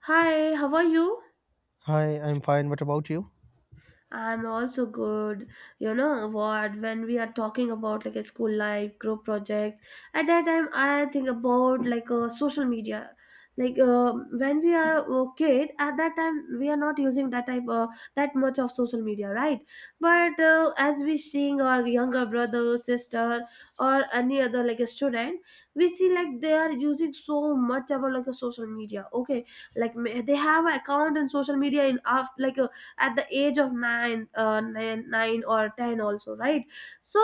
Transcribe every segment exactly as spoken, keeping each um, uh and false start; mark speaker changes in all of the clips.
Speaker 1: Hi, how are you?
Speaker 2: Hi, I'm fine. What about you?
Speaker 1: I'm also good. You know what? When we are talking about like a school life, group projects, at that time I think about like uh, social media. Like uh, when we are a kid, at that time we are not using that type uh, that much of social media, right? But uh, as we seeing our younger brother, sister, or any other like a student, we see like they are using so much about like a social media. Okay, like ma- they have an account in social media in after like. A, at the age of nine, uh, nine, nine or ten also, right? So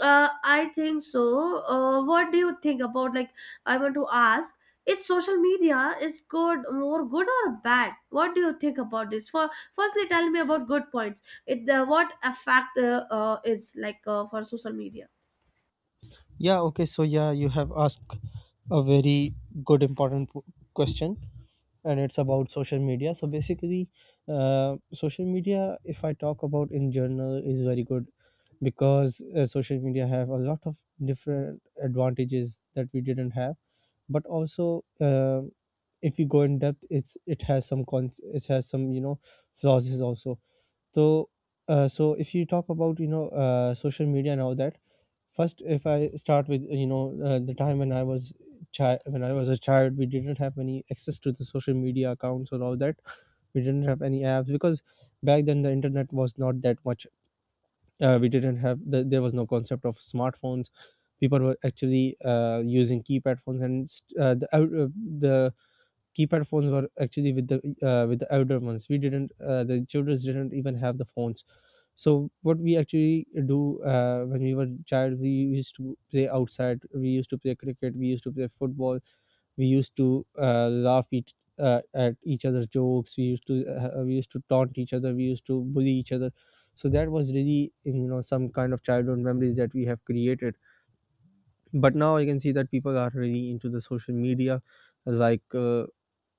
Speaker 1: uh, I think so. Uh, what do you think about like I want to ask? Is social media is good more good or bad? What do you think about this? For firstly, tell me about good points. It uh, what effect uh, uh, is like uh, for social media?
Speaker 2: Yeah, okay. So, yeah, you have asked a very good, important p- question, and it's about social media. So, basically, uh, social media, if I talk about in general, is very good because uh, social media have a lot of different advantages that we didn't have, but also, uh, if you go in depth, it's it has some cons, it has some you know flaws is also. So, uh, so if you talk about you know uh, social media and all that, first if I start with you know uh, the time when I was child when I was a child, we didn't have any access to the social media accounts or all that. We didn't have any apps because back then the internet was not that much. Uh, we didn't have the, there was no concept of smartphones. People were actually uh, using keypad phones, and st- uh, the out- uh, the keypad phones were actually with the uh, with the elder ones. We didn't uh, the children didn't even have the phones. So what we actually do, uh, when we were child, we used to play outside, we used to play cricket, we used to play football, we used to uh, laugh each, uh, at each other's jokes, we used to uh, we used to taunt each other, we used to bully each other. So that was really you know some kind of childhood memories that we have created. But now I can see that people are really into the social media, like uh,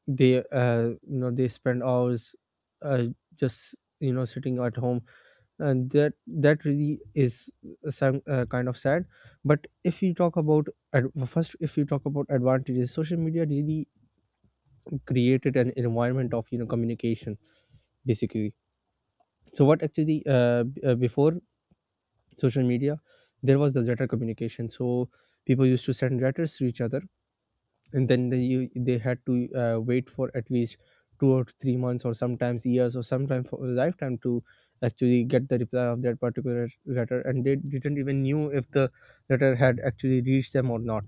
Speaker 2: they uh, you know they spend hours, uh, just you know sitting at home. And that that really is uh, some uh, kind of sad. But if you talk about ad- well, first if you talk about advantages, social media really created an environment of you know communication, basically. So what actually uh, b- uh, before social media, there was the letter communication. So people used to send letters to each other, and then they, you, they had to uh, wait for at least two or three months or sometimes years or sometimes for a lifetime to actually get the reply of that particular letter, and they didn't even knew if the letter had actually reached them or not.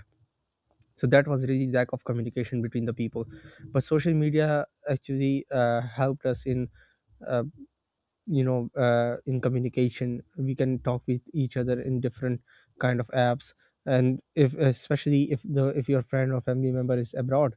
Speaker 2: So that was really lack of communication between the people. But social media actually uh, helped us in uh, you know uh, in communication. We can talk with each other in different kind of apps. And if, especially if the if your friend or family member is abroad,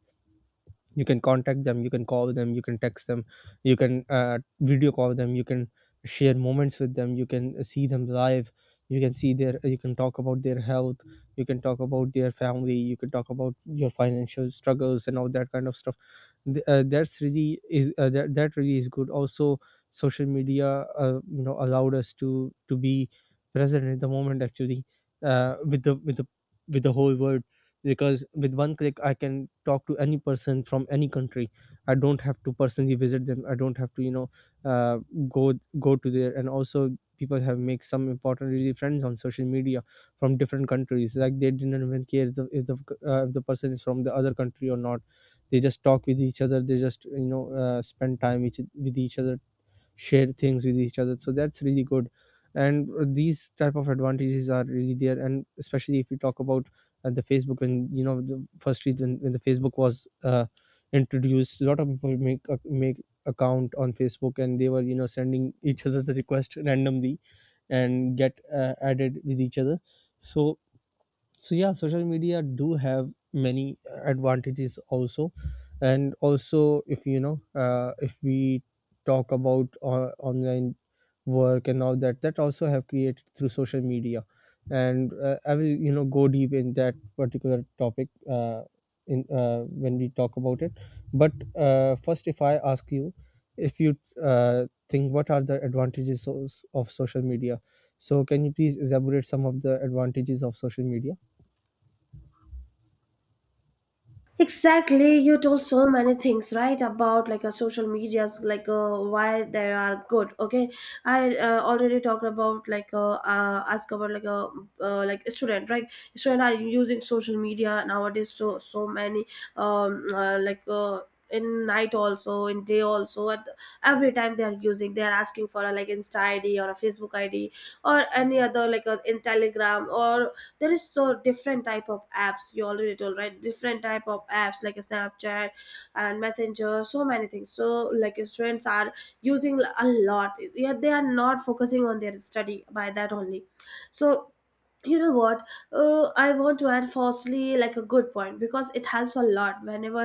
Speaker 2: you can contact them, you can call them, you can text them, you can uh, video call them, you can share moments with them, you can see them live, you can see their, you can talk about their health, you can talk about their family, you can talk about your financial struggles and all that kind of stuff. Th- uh, that's really is uh, that, that really is good also. Social media uh, you know allowed us to to be present in the moment actually, uh, with the with the with the whole world. Because with one click I can talk to any person from any country. I don't have to personally visit them, I don't have to you know uh, go go to there. And also people have make some important really friends on social media from different countries. Like they didn't even care if the, if the, uh, if the person is from the other country or not. They just talk with each other, they just you know uh, spend time each, with each other, share things with each other. So that's really good. And uh, these type of advantages are really there. And especially if we talk about uh, the Facebook and you know the firstly when, when the Facebook was uh, introduced, a lot of people make a- make account on Facebook, and they were you know sending each other the request randomly and get uh, added with each other. So so yeah, social media do have many advantages also. And also if you know uh, if we talk about uh, online work and all that, that also have created through social media. And uh, I will you know go deep in that particular topic uh, in uh, when we talk about it. But uh, first if I ask you, if you uh, think, what are the advantages of, of social media? So can you please elaborate some of the advantages of social media?
Speaker 1: Exactly, you told so many things, right? About like a social medias, like uh, why they are good. Okay, I uh, already talked about like uh, uh, ask about like a uh, like student, right? Student are using social media nowadays. So so many um uh, like. Uh, in night also in day also at every time they are using they are asking for a like insta id or a facebook id or any other like a, in telegram or there is so different type of apps you already told right different type of apps like a snapchat and messenger so many things so like your students are using a lot, yeah, they are not focusing on their study by that only so you know what uh, I want to add firstly like a good point because it helps a lot whenever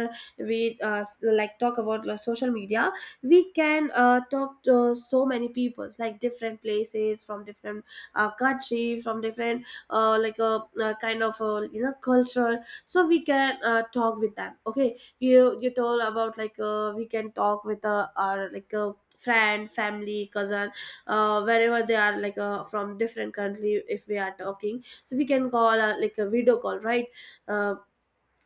Speaker 1: we uh, s- like talk about like social media we can uh, talk to so many people like different places from different uh, country from different uh, like a, uh kind of uh, you know culture so we can uh, talk with them. Okay, you you told about like uh, we can talk with uh, our like uh, friend family cousin uh, wherever they are like uh, from different country if we are talking so we can call uh, like a video call right uh,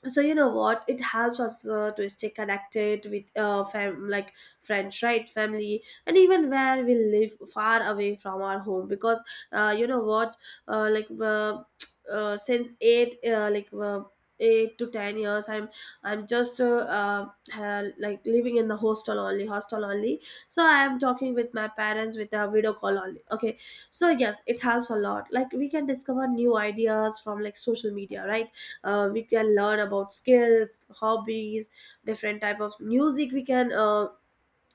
Speaker 1: so you know what it helps us uh, to stay connected with uh, fam- like friends right family and even where we live far away from our home because uh, you know what uh, like uh, uh, since eight uh, like uh, eight to ten years i'm i'm just uh, uh, ha- like living in the hostel only hostel only so I am talking with my parents with a video call only. Okay, so yes it helps a lot like we can discover new ideas from like social media right uh, we can learn about skills hobbies different type of music we can uh,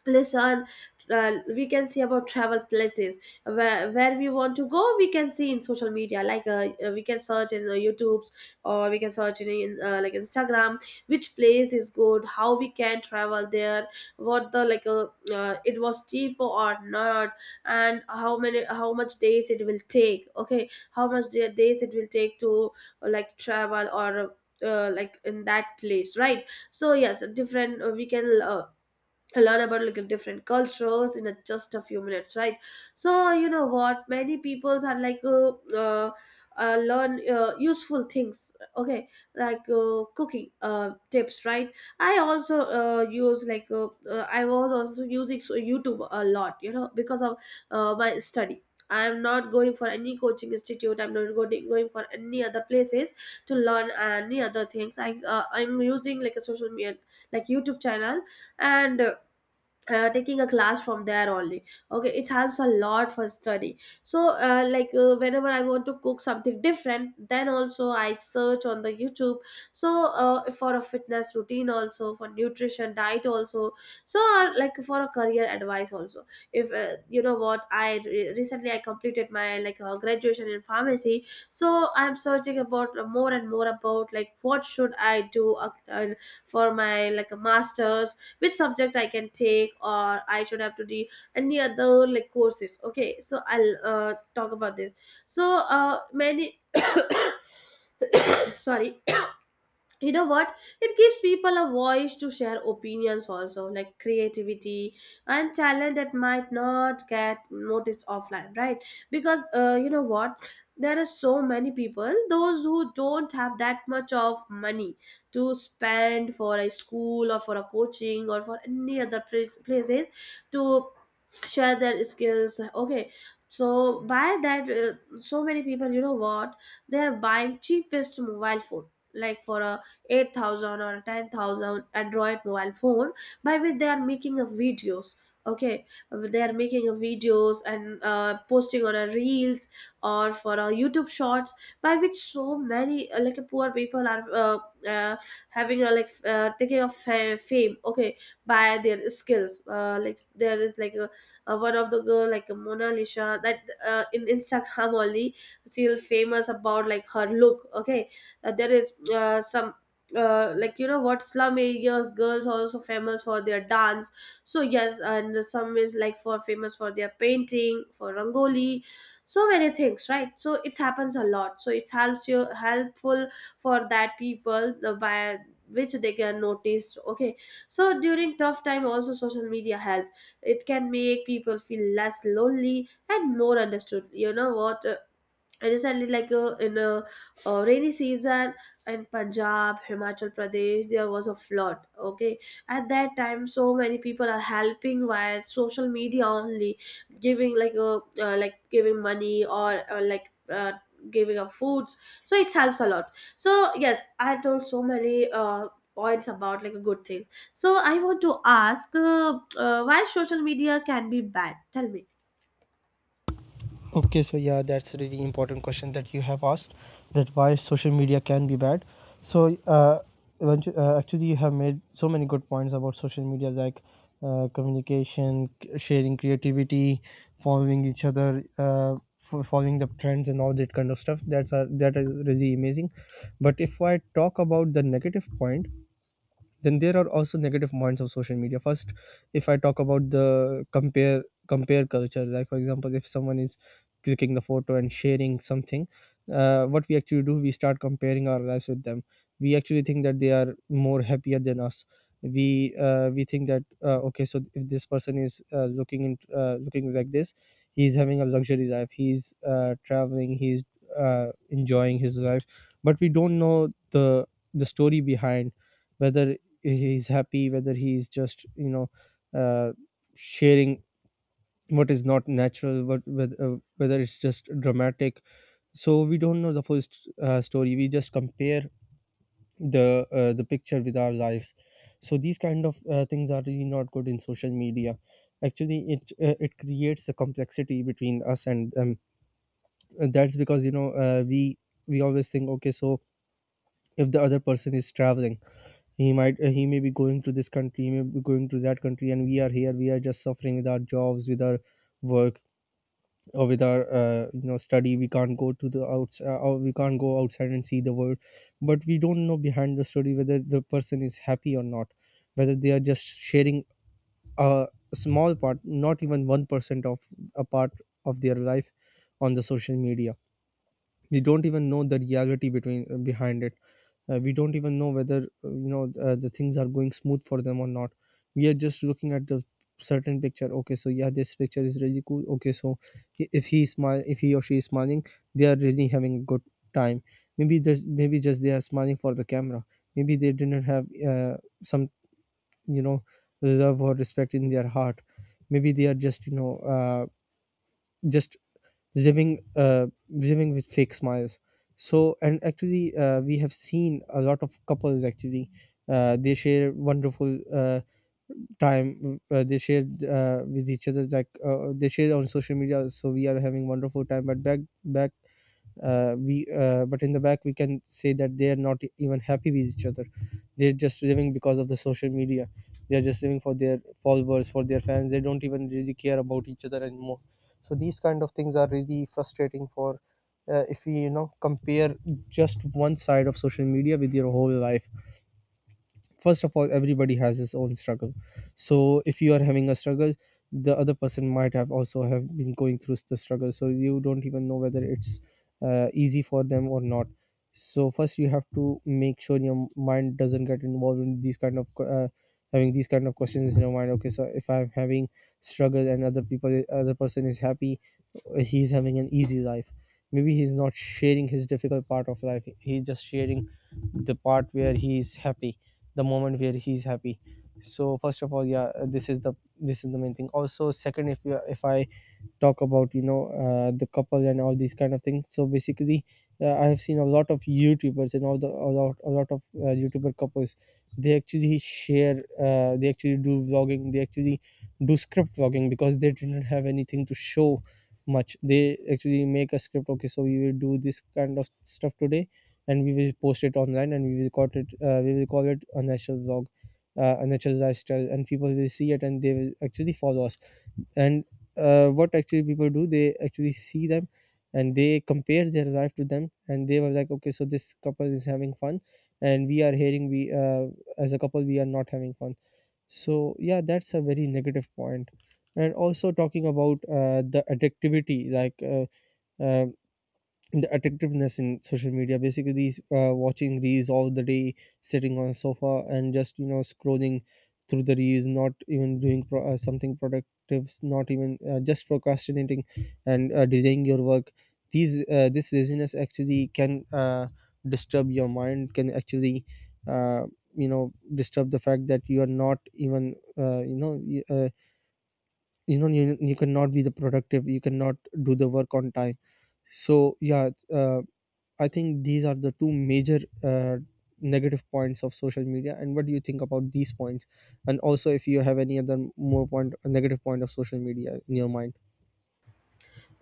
Speaker 1: listen uh, we can see about travel places where, where we want to go we can see in social media like uh, uh, we can search in uh, youtube's or we can search in, in uh, like instagram which place is good how we can travel there what the like uh, uh, it was cheap or not and how many how much days it will take. Okay, how much da- days it will take to uh, like travel or uh, like in that place right so yes different uh, we can uh, learn about like different cultures in a, just a few minutes right so you know what many peoples are like uh, uh, uh, learn uh, useful things. Okay, like uh, cooking uh, tips right I also uh, use like uh, uh, I was also using so- youtube a lot you know because of uh, my study I'm not going for any coaching institute I'm not going, going for any other places to learn any other things i uh, i'm using like a social media like youtube channel and uh, uh, taking a class from there only. Okay, it helps a lot for study so uh, like uh, whenever I want to cook something different then also I search on the youtube so uh, for a fitness routine also for nutrition diet also so uh, like for a career advice also if uh, you know what I re- recently I completed my like uh, graduation in pharmacy so I'm searching about uh, more and more about like what should I do uh, uh, for my like a master's which subject I can take or I should have to do any other like courses. Okay, so I'll uh, talk about this so uh, many sorry you know what it gives people a voice to share opinions also like creativity and talent that might not get noticed offline right because uh, you know what there are so many people those who don't have that much of money to spend for a school or for a coaching or for any other place- places to share their skills. Okay, so by that uh, so many people you know what they are buying cheapest mobile phone like for a eight thousand or ten thousand Android mobile phone by which they are making a videos. Okay, they are making a videos and uh, posting on a reels or for a YouTube shorts by which so many uh, like poor people are uh, uh, having a like uh, taking a fa- fame. Okay, by their skills. Uh, like there is like a, a one of the girl like a Mona Lisa that uh, in Instagram only still famous about like her look. Okay, uh, there is uh, some uh, like you know what slum areas girls are also famous for their dance so yes and some is like for famous for their painting for rangoli so many things right so it happens a lot so it helps you helpful for that people the by which they can notice. Okay, so during tough time also social media help it can make people feel less lonely and more understood you know what recently like uh, in a, uh rainy season in Punjab Himachal Pradesh there was a flood. Okay, at that time so many people are helping via social media only giving like a uh, like giving money or uh, like uh, giving up foods so it helps a lot so yes I told so many uh, points about like a good thing so I want to ask uh, uh, why social media can be bad tell me.
Speaker 2: Okay, so yeah, that's a really important question that you have asked, that why social media can be bad. So uh, eventu- uh actually, you have made so many good points about social media, like uh, communication, c- sharing, creativity, following each other, uh, fo- following the trends and all that kind of stuff. That's a, that is really amazing. But if I talk about the negative point, then there are also negative points of social media. First, if I talk about the compare compare culture, like for example, if someone is clicking the photo and sharing something, uh, what we actually do, we start comparing our lives with them. We actually think that they are more happier than us. We uh, we think that uh, okay, so if this person is uh, looking in uh, looking like this, he's having a luxury life, he's uh, traveling, he's uh, enjoying his life. But we don't know the the story behind, whether he's happy, whether he's just you know uh, sharing what is not natural, what whether, uh, whether it's just dramatic. So we don't know the full st- uh, story, we just compare the uh, the picture with our lives. So these kind of uh, things are really not good in social media. Actually it uh, it creates a complexity between us and them. And that's because you know uh, we we always think, okay, so if the other person is traveling, he might uh, he may be going to this country, he may be going to that country, and we are here, we are just suffering with our jobs, with our work, or with our uh, you know study. We can't go to the outs uh, or we can't go outside and see the world. But we don't know behind the story, whether the person is happy or not, whether they are just sharing a small part, not even one percent of a part of their life on the social media. They don't even know the reality between uh, behind it. Uh, we don't even know whether uh, you know uh, the things are going smooth for them or not. We are just looking at the certain picture. Okay, so yeah, this picture is really cool. Okay, so i- if he smile, if he or she is smiling, they are really having a good time. Maybe there's maybe just they are smiling for the camera. Maybe they didn't have uh, some you know love or respect in their heart. Maybe they are just you know uh, just living uh, living with fake smiles. So, and actually uh, we have seen a lot of couples actually uh, they share wonderful uh, time, uh, they share uh, with each other, like uh, they share on social media. So we are having wonderful time, but back back uh, we uh, but in the back we can say that they are not even happy with each other. They're just living because of the social media, they are just living for their followers, for their fans, they don't even really care about each other anymore. So these kind of things are really frustrating. For uh, if we you know compare just one side of social media with your whole life, first of all, everybody has his own struggle. So if you are having a struggle, the other person might have also have been going through the struggle. So you don't even know whether it's uh, easy for them or not. So first you have to make sure your mind doesn't get involved in these kind of que- uh, having these kind of questions in your mind. Okay, so if I'm having struggle, and other people other person is happy, he's having an easy life, maybe he's not sharing his difficult part of life, he's just sharing the part where he's happy, the moment where he's happy. So first of all, yeah, this is the this is the main thing. Also second, if you if I talk about you know uh, the couple and all these kind of things. So basically uh, I have seen a lot of youtubers and all the, a lot a lot of uh, youtuber couples. They actually share, uh, they actually do vlogging, they actually do script vlogging because they didn't have anything to show much. They actually make a script. Okay, so we will do this kind of stuff today, and we will post it online, and we will call it uh, we will call it a natural vlog, uh, a natural lifestyle, and people will see it and they will actually follow us. And uh, what actually people do, they actually see them and they compare their life to them, and they were like, okay, so this couple is having fun and we are hearing we uh, as a couple we are not having fun. So yeah, that's a very negative point point. And also talking about uh, the addictivity, like uh, uh, the addictiveness in social media. Basically uh, watching reels all the day, sitting on a sofa and just, you know, scrolling through the reels, not even doing pro- uh, something productive, not even uh, just procrastinating and uh, delaying your work. These uh, This laziness actually can uh, disturb your mind, can actually, uh, you know, disturb the fact that you are not even uh, you know, y- uh, you know, you, you cannot be the productive, you cannot do the work on time. So yeah, uh, I think these are the two major uh, negative points of social media. And what do you think about these points? And also, if you have any other more point, negative point of social media in your mind.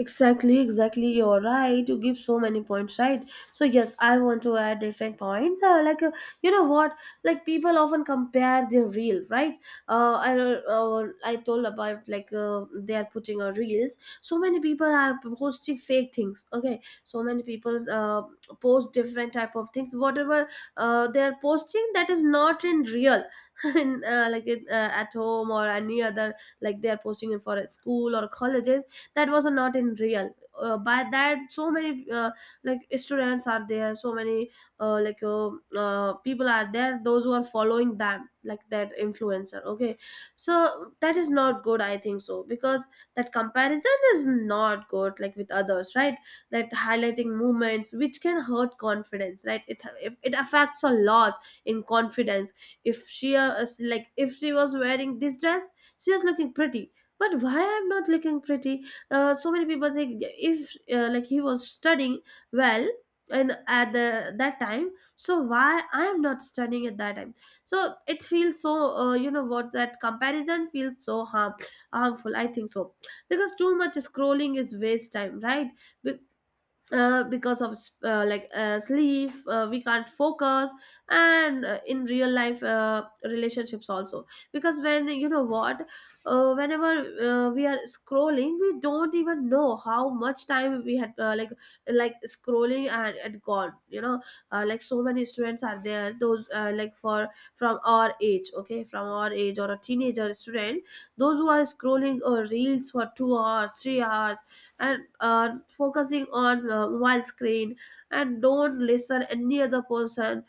Speaker 1: Exactly, exactly. You're right. You give so many points, right? So yes, I want to add different points. Uh, like uh, you know what? Like people often compare their reel, right? Uh, I uh, I told about like uh, they are putting on reels. So many people are posting fake things. Okay, so many people uh, post different type of things. Whatever uh, they are posting that is not in real. in, uh, like it, uh, at home or any other like they are posting it for a school or colleges that was not in real uh, by that so many uh, like students are there so many uh, like uh, uh, people are there those who are following them like that influencer. Okay, so that is not good I think so because that comparison is not good like with others right that highlighting movements which can hurt confidence right it if it affects a lot in confidence if she is like if she was wearing this dress she was looking pretty but why I'm not looking pretty uh, so many people think if uh, like he was studying well and at the that time so why I am not studying at that time so it feels so uh, you know what that comparison feels so harm harmful I think so because too much scrolling is waste time right uh, because of uh, like uh, sleep uh, we can't focus and uh, in real life uh, relationships also because when you know what uh, whenever uh, we are scrolling we don't even know how much time we had uh, like like scrolling and, and gone you know uh, like so many students are there those uh, like for from our age. Okay, from our age or a teenager student those who are scrolling uh, reels for two hours three hours and uh, focusing on uh, mobile screen and don't listen any other person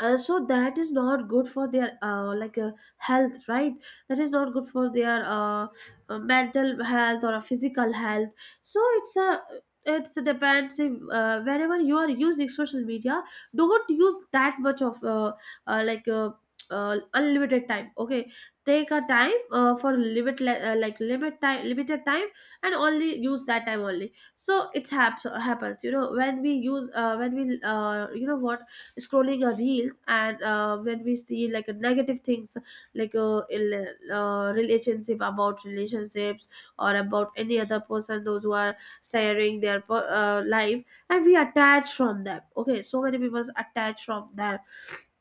Speaker 1: uh, so that is not good for their uh, like uh, health right that is not good for their uh, uh, mental health or a physical health so it's a it's a depends if, uh, whenever you are using social media don't use that much of uh, uh, like uh, uh, unlimited time. Okay, take a time uh, for limit uh, like limit time limited time and only use that time only so it's happens happens You know, when we use uh, when we uh, you know what scrolling our reels and uh, when we see like a negative things like uh, ill, uh, relationship, about relationships or about any other person, those who are sharing their per- uh, life, and we attach from them. Okay, so many people attach from them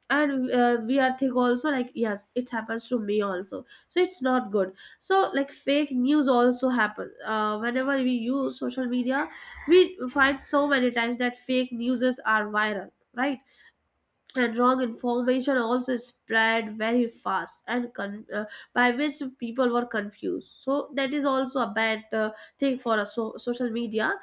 Speaker 1: and uh, we are think also like yes it happens to me also, so it's not good. So like fake news also happen uh, whenever we use social media, we find so many times that fake news are viral, right? And wrong information also spread very fast and con- uh, by which people were confused. So that is also a bad uh, thing for a so- social media.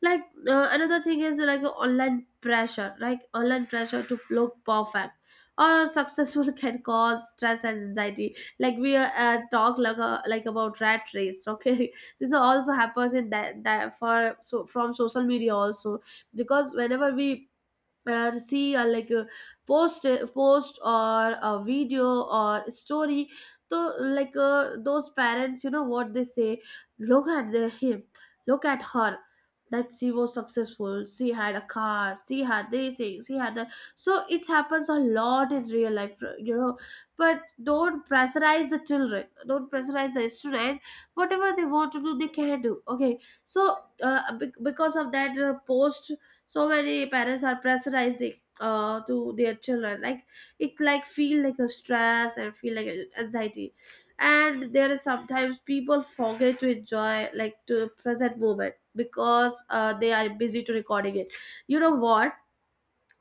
Speaker 1: Like uh, another thing is like online pressure, like online pressure to look perfect or successful can cause stress and anxiety. Like we uh, talk like, uh, like about rat race, okay? This also happens in that, that for, so from social media also, because whenever we uh, see uh, like a post uh, post or a video or story, so like uh, those parents, you know what they say, look at the him, look at her, that she was successful, she had a car, she had this thing, she had that. So it happens a lot in real life, you know. But don't pressurize the children, don't pressurize the student. Whatever they want to do, they can do, okay? So uh, bec- because of that uh, post, so many parents are pressurizing uh, to their children, like it like feel like a stress and feel like a anxiety. And there is sometimes people forget to enjoy like to the present moment, because uh, they are busy to recording it, you know what?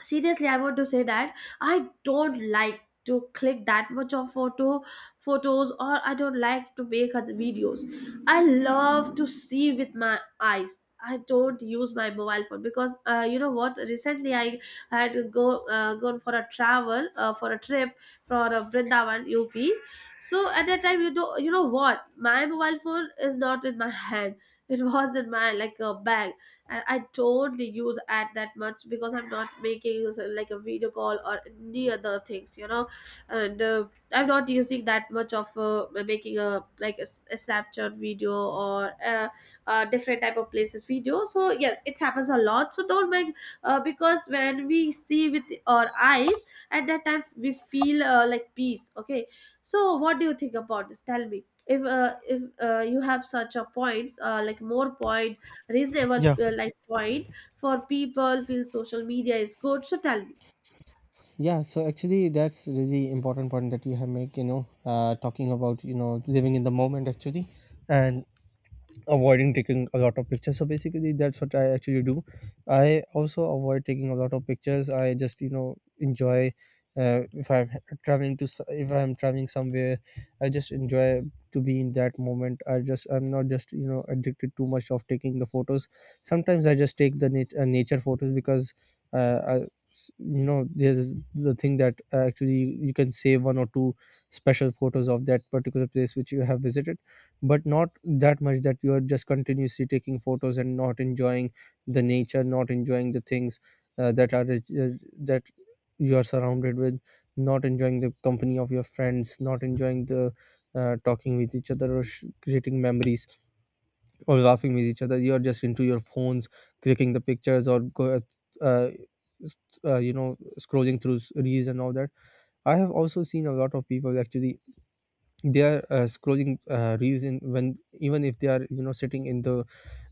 Speaker 1: Seriously, I want to say that I don't like to click that much of photo photos, or I don't like to make other videos. I love to see with my eyes, I don't use my mobile phone because uh, you know what, recently I had to go uh, gone for a travel, uh, for a trip for uh, brindavan up. So at that time, you know, you know what, my mobile phone is not in my hand, it was in my like a bag. And I don't use ad that much, because I'm not making use of like a video call or any other things, you know. And uh, I'm not using that much of uh, making a like a a Snapchat video or a uh, different type of places video. So yes, it happens a lot. So don't make uh, because when we see with our eyes, at that time we feel uh, like peace. Okay, so what do you think about this? Tell me if uh, if uh, you have such a points uh, like more points, reasonable
Speaker 2: Yeah.
Speaker 1: uh, like point for people feel social media is good. So tell me.
Speaker 2: Yeah, so actually, that's really important point that you have make. You know, uh, talking about, you know, living in the moment actually, and avoiding taking a lot of pictures. So basically, that's what I actually do. I also avoid taking a lot of pictures. I just, you know, enjoy. Uh, if I'm traveling to s- if I'm traveling somewhere, I just enjoy to be in that moment. I just, I'm not just, you know, addicted too much of taking the photos. Sometimes I just take the nat- uh, nature photos because uh, I, you know, there's the thing that uh, actually you can save one or two special photos of that particular place which you have visited, but not that much that you are just continuously taking photos and not enjoying the nature, not enjoying the things uh, that are uh, that you are surrounded with, not enjoying the company of your friends, not enjoying the uh, talking with each other or sh- creating memories or laughing with each other. You are just into your phones, clicking the pictures, or go, uh, s- uh, you know, scrolling through s- reels and all that. I have also seen a lot of people actually, they are uh, scrolling uh, reels in, when even if they are, you know, sitting in the,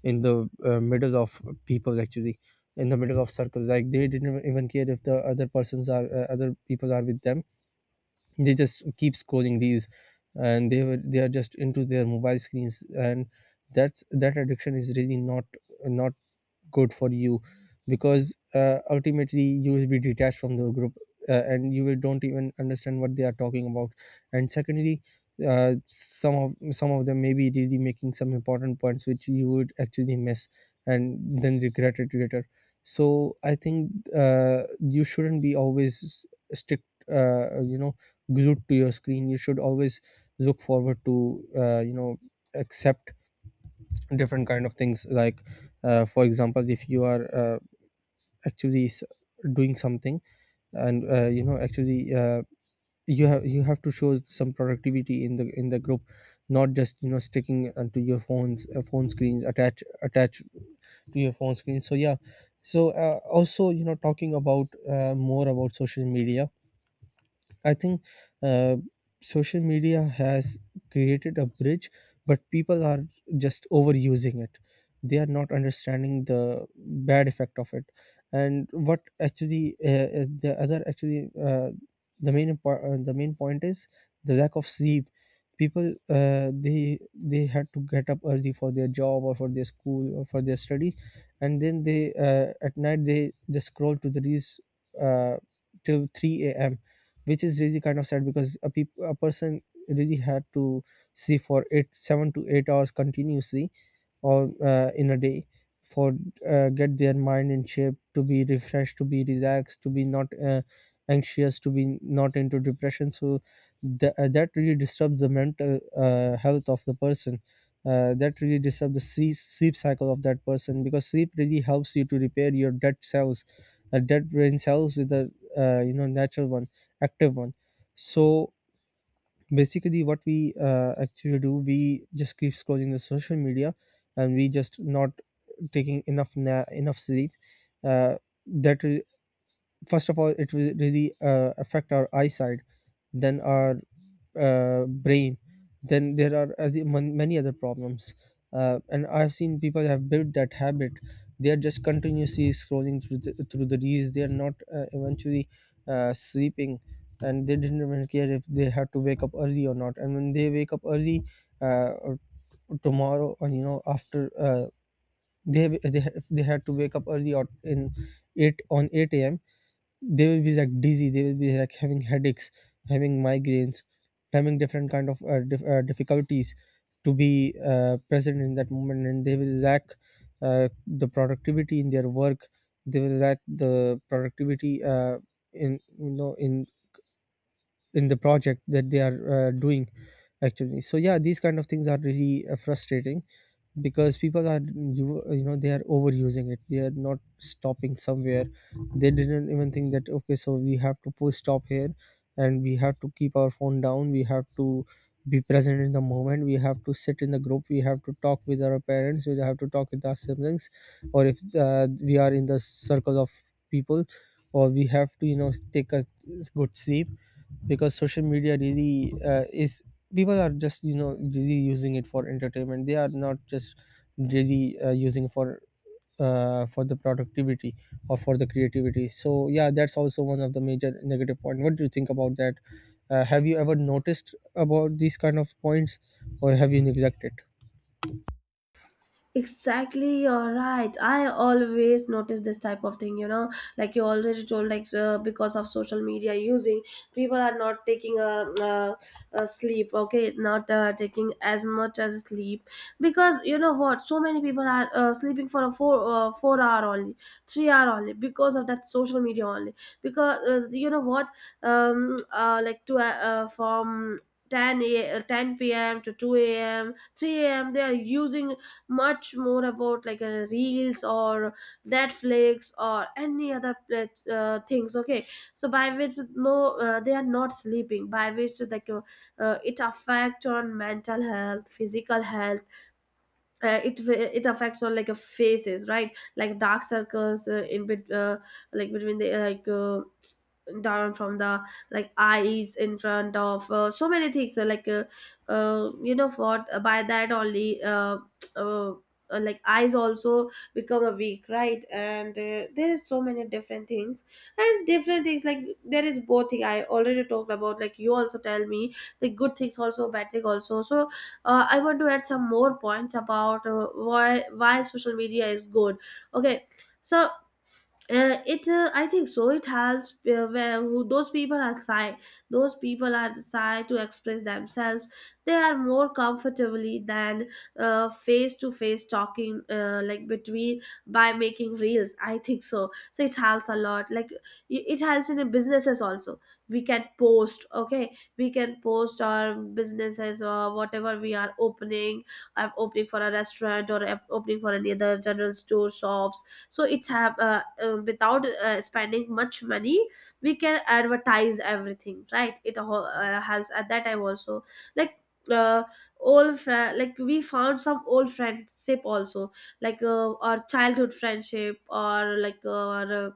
Speaker 2: in the uh, middle of people, actually in the middle of circles, like they didn't even care if the other persons are uh, other people are with them. They just keep scrolling reels, and they were they are just into their mobile screens, and that's, that addiction is really not, not good for you. Because uh, ultimately you will be detached from the group, uh, and you will don't even understand what they are talking about. And secondly, uh, some of some of them may be really making some important points which you would actually miss and then regret it later. So I think uh, you shouldn't be always s- strict, uh, you know, glued to your screen. You should always look forward to, uh, you know, accept different kind of things, like uh, for example, if you are uh, actually s- doing something, and uh, you know, actually uh, you have, you have to show some productivity in the, in the group, not just, you know, sticking uh, to your phones uh, phone screens, attach attached to your phone screen. So yeah, so uh, also, you know, talking about uh, more about social media, I think uh, social media has created a bridge, but people are just overusing it. They are not understanding the bad effect of it. And what actually uh, uh, the other actually uh, the main impor- uh, the main point is the lack of sleep. People uh, they they had to get up early for their job or for their school or for their study, and then they uh, at night they just scroll to the reels uh, till three a.m., which is really kind of sad because a, peop- a person really had to see for eight seven to eight hours continuously or uh, in a day for uh, get their mind in shape, to be refreshed, to be relaxed, to be not uh, anxious, to be not into depression. So th- uh, that really disturbs the mental uh, health of the person. Uh, that really disturbs the sleep, sleep cycle of that person, because sleep really helps you to repair your dead cells, uh, dead brain cells, with the uh, you know, natural one, active one. So basically what we uh, actually do, we just keep scrolling the social media and we just not taking enough na- enough sleep. uh, that, first of all, it will really uh, affect our eyesight, then our uh, brain, then there are other, mon- many other problems. Uh, and I've seen people have built that habit. They are just continuously scrolling through the, through the reels. They are not uh, eventually uh, sleeping, and they didn't even care if they had to wake up early or not. And when they wake up early, uh, or tomorrow, or you know, after uh, they, they if they had to wake up early or in eight on eight a.m., they will be like dizzy, they will be like having headaches, having migraines, having different kind of uh, dif- uh, difficulties to be uh, present in that moment, and they will lack uh, the productivity in their work. They will lack the productivity uh, in, you know, in in the project that they are uh, doing actually. So yeah, these kind of things are really uh, frustrating, because people are, you you know, they are overusing it. They are not stopping somewhere. They didn't even think that, okay, so we have to push stop here, and we have to keep our phone down. We have to be present in the moment, we have to sit in the group, we have to talk with our parents, we have to talk with our siblings, or if uh, we are in the circle of people, or we have to, you know, take a good sleep. Because social media really uh, is, people are just, you know, really using it for entertainment. They are not just really uh, using for uh, for the productivity or for the creativity. So yeah, that's also one of the major negative point. What do you think about that? Uh, have you ever noticed about these kind of points, or have you neglected?
Speaker 1: Exactly, you're right. I always notice this type of thing, you know, like you already told, like uh, because of social media using, people are not taking a, a, a sleep, okay, not uh, taking as much as sleep, because you know what, so many people are uh, sleeping for a four uh, four hour only, three hour only because of that social media only. Because uh, you know what, um, uh, like to uh, uh, from ten a, uh, ten p m to two a m, three a m they are using much more about like uh, reels or netflix or any other plat- uh, things, okay? So by which no uh, they are not sleeping, by which like uh, uh, it affect on mental health, physical health. uh, it wa- it affects on like a faces, right? Like dark circles uh, in bet uh, like between the uh, like uh, down from the like eyes, in front of uh, so many things uh, like uh, uh, you know what uh, by that only uh, uh, uh, like eyes also become a weak, right? And uh, there is so many different things and different things. Like there is both thing I already talked about, like you also tell me the good things also, bad thing also. So uh, I want to add some more points about uh, why why social media is good, okay? So uh, it uh, I think so it has uh, where who those people are shy, those people are shy to express themselves, they are more comfortably than uh, face to face talking, uh, like between by making reels, I think so. So it helps a lot, like i- it helps in the businesses also. We can post, okay, we can post our businesses or whatever we are opening. I'm opening for a restaurant, or I'm opening for any other general store shops, so it's have uh, uh, without uh, spending much money we can advertise everything, right? It ho- uh, helps at that time also. Like uh, old friend like we found some old friendship also, like uh, our childhood friendship, or like uh, our uh,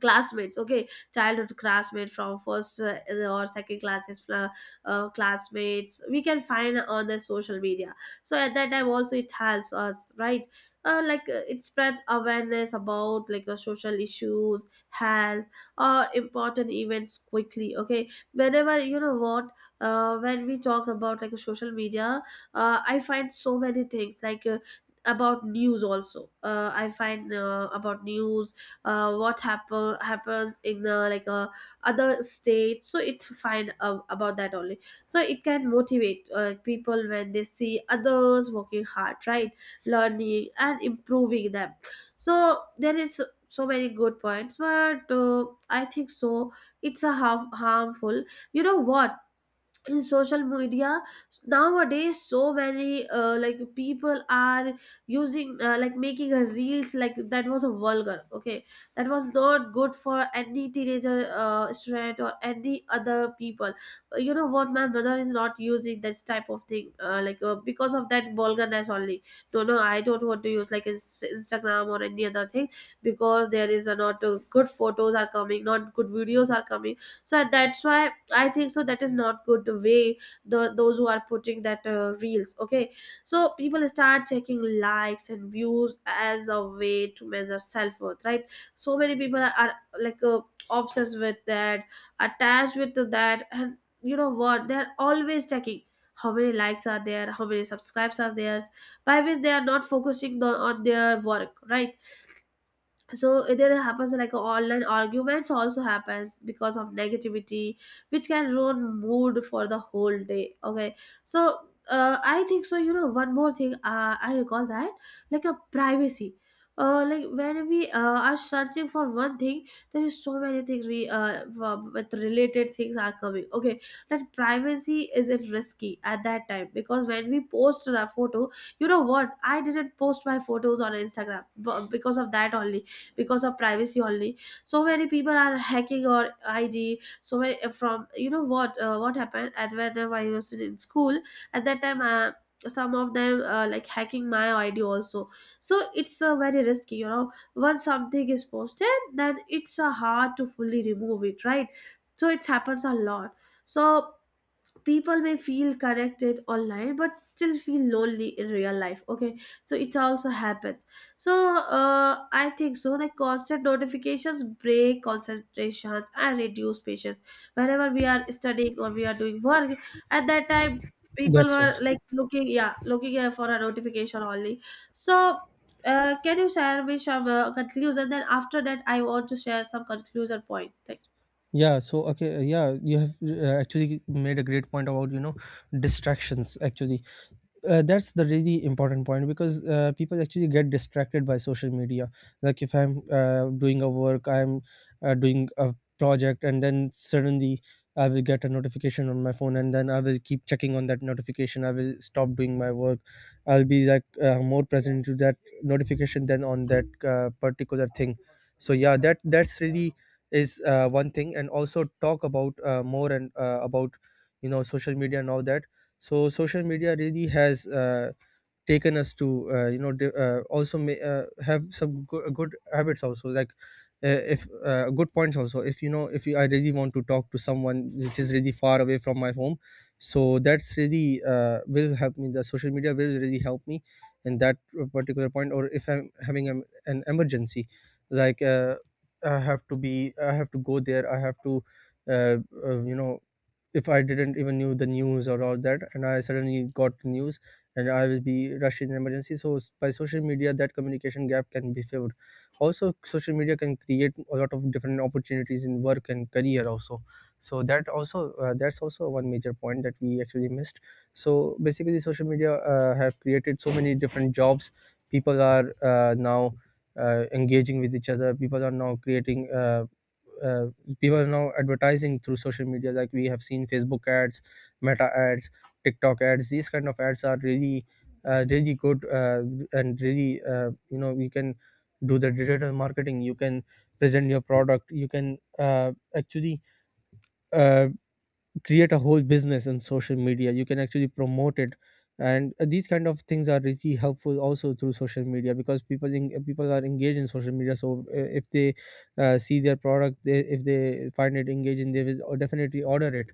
Speaker 1: classmates, okay? Childhood classmate from first uh, or second classes uh, uh, classmates we can find on the social media. So at that time also it helps us, right? Uh, like uh, it spreads awareness about like uh, social issues, health, or important events quickly, okay? Whenever, you know what, uh, when we talk about like social media, uh, I find so many things like uh, about news also, uh, I find uh, about news, uh, what happen happens in uh, like uh, other states. So it's fine uh, about that only. So it can motivate uh, people when they see others working hard, right? Learning and improving them. So there is so many good points, but uh, I think so it's a harm, harmful, you know what, in social media nowadays, so many uh, like people are using uh, like making a reels like that was a vulgar, okay? That was not good for any teenager uh, student or any other people. Uh, you know what, my mother is not using this type of thing uh, like uh, because of that vulgarness only. No, no, I don't want to use like Ins- instagram or any other thing, because there is a not uh, good photos are coming, not good videos are coming. So that's why I think so that is not good way, the those who are putting that uh, reels, okay? So people start checking likes and views as a way to measure self-worth, right? So many people are, are like uh, obsessed with that, attached with that, and you know what, they're always checking how many likes are there, how many subscribes are there, by which they are not focusing the, on their work, right? So there happens like online arguments also, happens because of negativity, which can ruin mood for the whole day, okay? So uh, I think so, you know one more thing uh, I recall that, like a privacy, uh, like when we uh, are searching for one thing, there is so many things we uh, w- with related things are coming, okay? That privacy isn't risky at that time, because when we post the photo, you know what, I didn't post my photos on instagram b- because of that only, because of privacy only. So many people are hacking our id, so many uh, from, you know what, uh, what happened at whether I was in school, at that time uh, some of them uh, like hacking my id also. So it's uh, very risky, you know, once something is posted, then it's uh, hard to fully remove it, right? So it happens a lot. So people may feel corrected online, but still feel lonely in real life, okay? So it also happens. So uh, I think so, like constant notifications break concentrations and reduce patience. Whenever we are studying or we are doing work, at that time people
Speaker 2: That's right.
Speaker 1: were like looking, yeah, looking uh, for a notification only. So uh, can you share me some uh, conclusion, then after that I want to share some conclusion point.
Speaker 2: Yeah, so okay, uh, yeah, you have uh, actually made a great point about, you know, distractions actually. Uh, that's the really important point, because uh, people actually get distracted by social media. Like if I'm uh, doing a work, i'm uh, doing a project, and then suddenly I will get a notification on my phone, and then I will keep checking on that notification. I will stop doing my work. I'll be like uh, more present to that notification than on that uh, particular thing. So yeah, that, that's really is uh, one thing. And also talk about uh, more, and uh, about, you know, social media and all that. So social media really has uh, taken us to, uh, you know, di- uh, also may, uh, have some go- uh, good habits also, like uh, if uh, good points also, if you know, if you, I really want to talk to someone which is really far away from my home. So that's really uh, will help me, the social media will really help me in that particular point. Or if I'm having an, an emergency, like uh, I have to be, I have to go there, I have to uh, uh, you know, if I didn't even knew the news or all that, and I suddenly got news, and I will be rushed in emergency. So s- by social media, that communication gap can be filled. Also, social media can create a lot of different opportunities in work and career also. So that also, uh, that's also one major point that we actually missed. So basically, social media uh, have created so many different jobs. People are uh, now uh, engaging with each other. People are now creating. Uh, uh, People are now advertising through social media. Like we have seen Facebook ads, Meta ads, TikTok ads. These kind of ads are really, uh, really good, uh, and really, uh, you know, you can do the digital marketing. You can present your product. You can uh, actually uh, create a whole business on social media. You can actually promote it, and uh, these kind of things are really helpful also through social media, because people in, people are engaged in social media. So uh, if they uh, see their product, they, if they find it engaging, they will o- definitely order it.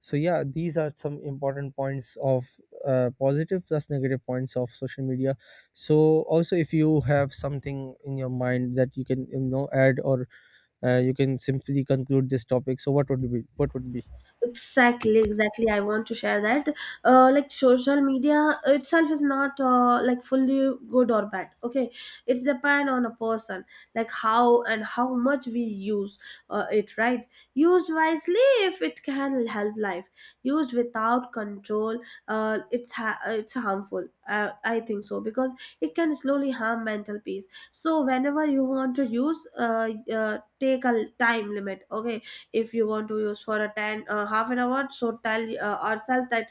Speaker 2: So yeah, these are some important points of uh, positive plus negative points of social media. So also, if you have something in your mind that you can, you know, add, or uh, you can simply conclude this topic. So what would be, what would be.
Speaker 1: Exactly, exactly, I want to share that, uh, like social media itself is not uh, like fully good or bad, okay? It's depend on a person, like how and how much we use uh, it, right? Used wisely, if it can help life. Used without control, uh, it's ha- it's harmful, uh, I think so, because it can slowly harm mental peace. So whenever you want to use uh, uh, take a time limit, okay? If you want to use for a ten uh, half an hour, so tell uh, ourselves that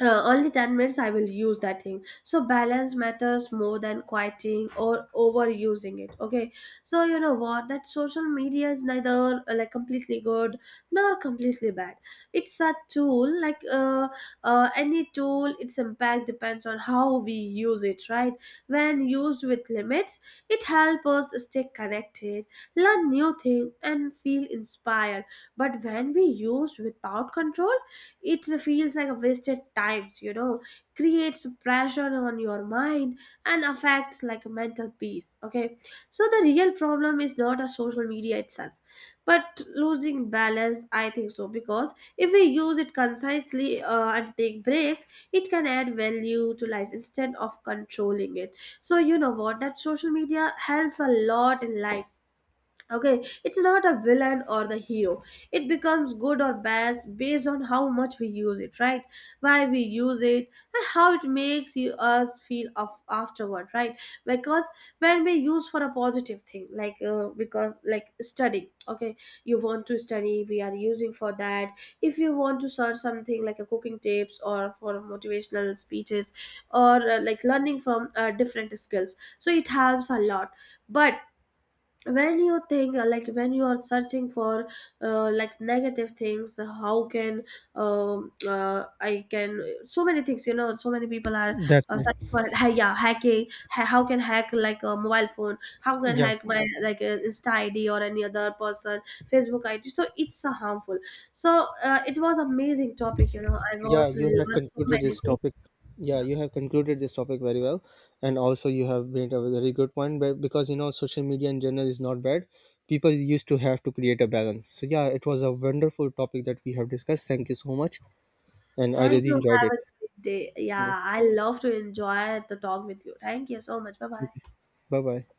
Speaker 1: uh, only 10 minutes I will use that thing. So balance matters more than quieting or overusing it, okay? So you know what, that social media is neither uh, like completely good nor completely bad. It's a tool, like uh, uh, any tool, its impact depends on how we use it, right? When used with limits, it helps us stay connected, learn new things, and feel inspired. But when we use without control, it feels like a wasted times, you know, creates pressure on your mind and affects like mental peace, okay? So the real problem is not a social media itself, but losing balance, I think so. Because if we use it concisely uh, and take breaks, it can add value to life instead of controlling it. So you know what, that social media helps a lot in life, okay? It's not a villain or the hero. It becomes good or bad based on how much we use it, right? Why we use it, and how it makes you us feel of afterward, right? Because when we use for a positive thing, like uh, because like studying, okay? You want to study, we are using for that. If you want to search something like a cooking tips, or for motivational speeches, or uh, like learning from uh, different skills, so it helps a lot. But when you think uh, like when you are searching for uh, like negative things, how can um, uh, I can so many things, you know, so many people are
Speaker 2: That's
Speaker 1: uh,
Speaker 2: it.
Speaker 1: searching for ha- yeah, hacking, ha- how can hack like a mobile phone, how can
Speaker 2: Yeah,
Speaker 1: hack my like uh, insta id or any other person facebook id. So it's uh, harmful. So uh, it was amazing topic, you know, I
Speaker 2: yeah,
Speaker 1: was
Speaker 2: you have
Speaker 1: learned so
Speaker 2: concluded
Speaker 1: many
Speaker 2: this
Speaker 1: things.
Speaker 2: topic. Yeah,
Speaker 1: Yeah,
Speaker 2: you have concluded this topic very well, and also you have made a very good point. But because, you know, social media in general is not bad. People used to have to create a balance. So yeah, it was a wonderful topic that we have discussed. Thank you so much, and I
Speaker 1: thank
Speaker 2: really
Speaker 1: you,
Speaker 2: enjoyed
Speaker 1: have
Speaker 2: it.
Speaker 1: a great day.
Speaker 2: Yeah.
Speaker 1: Yeah, I love to enjoy the talk with you. Thank you so much. Bye bye.
Speaker 2: Bye bye.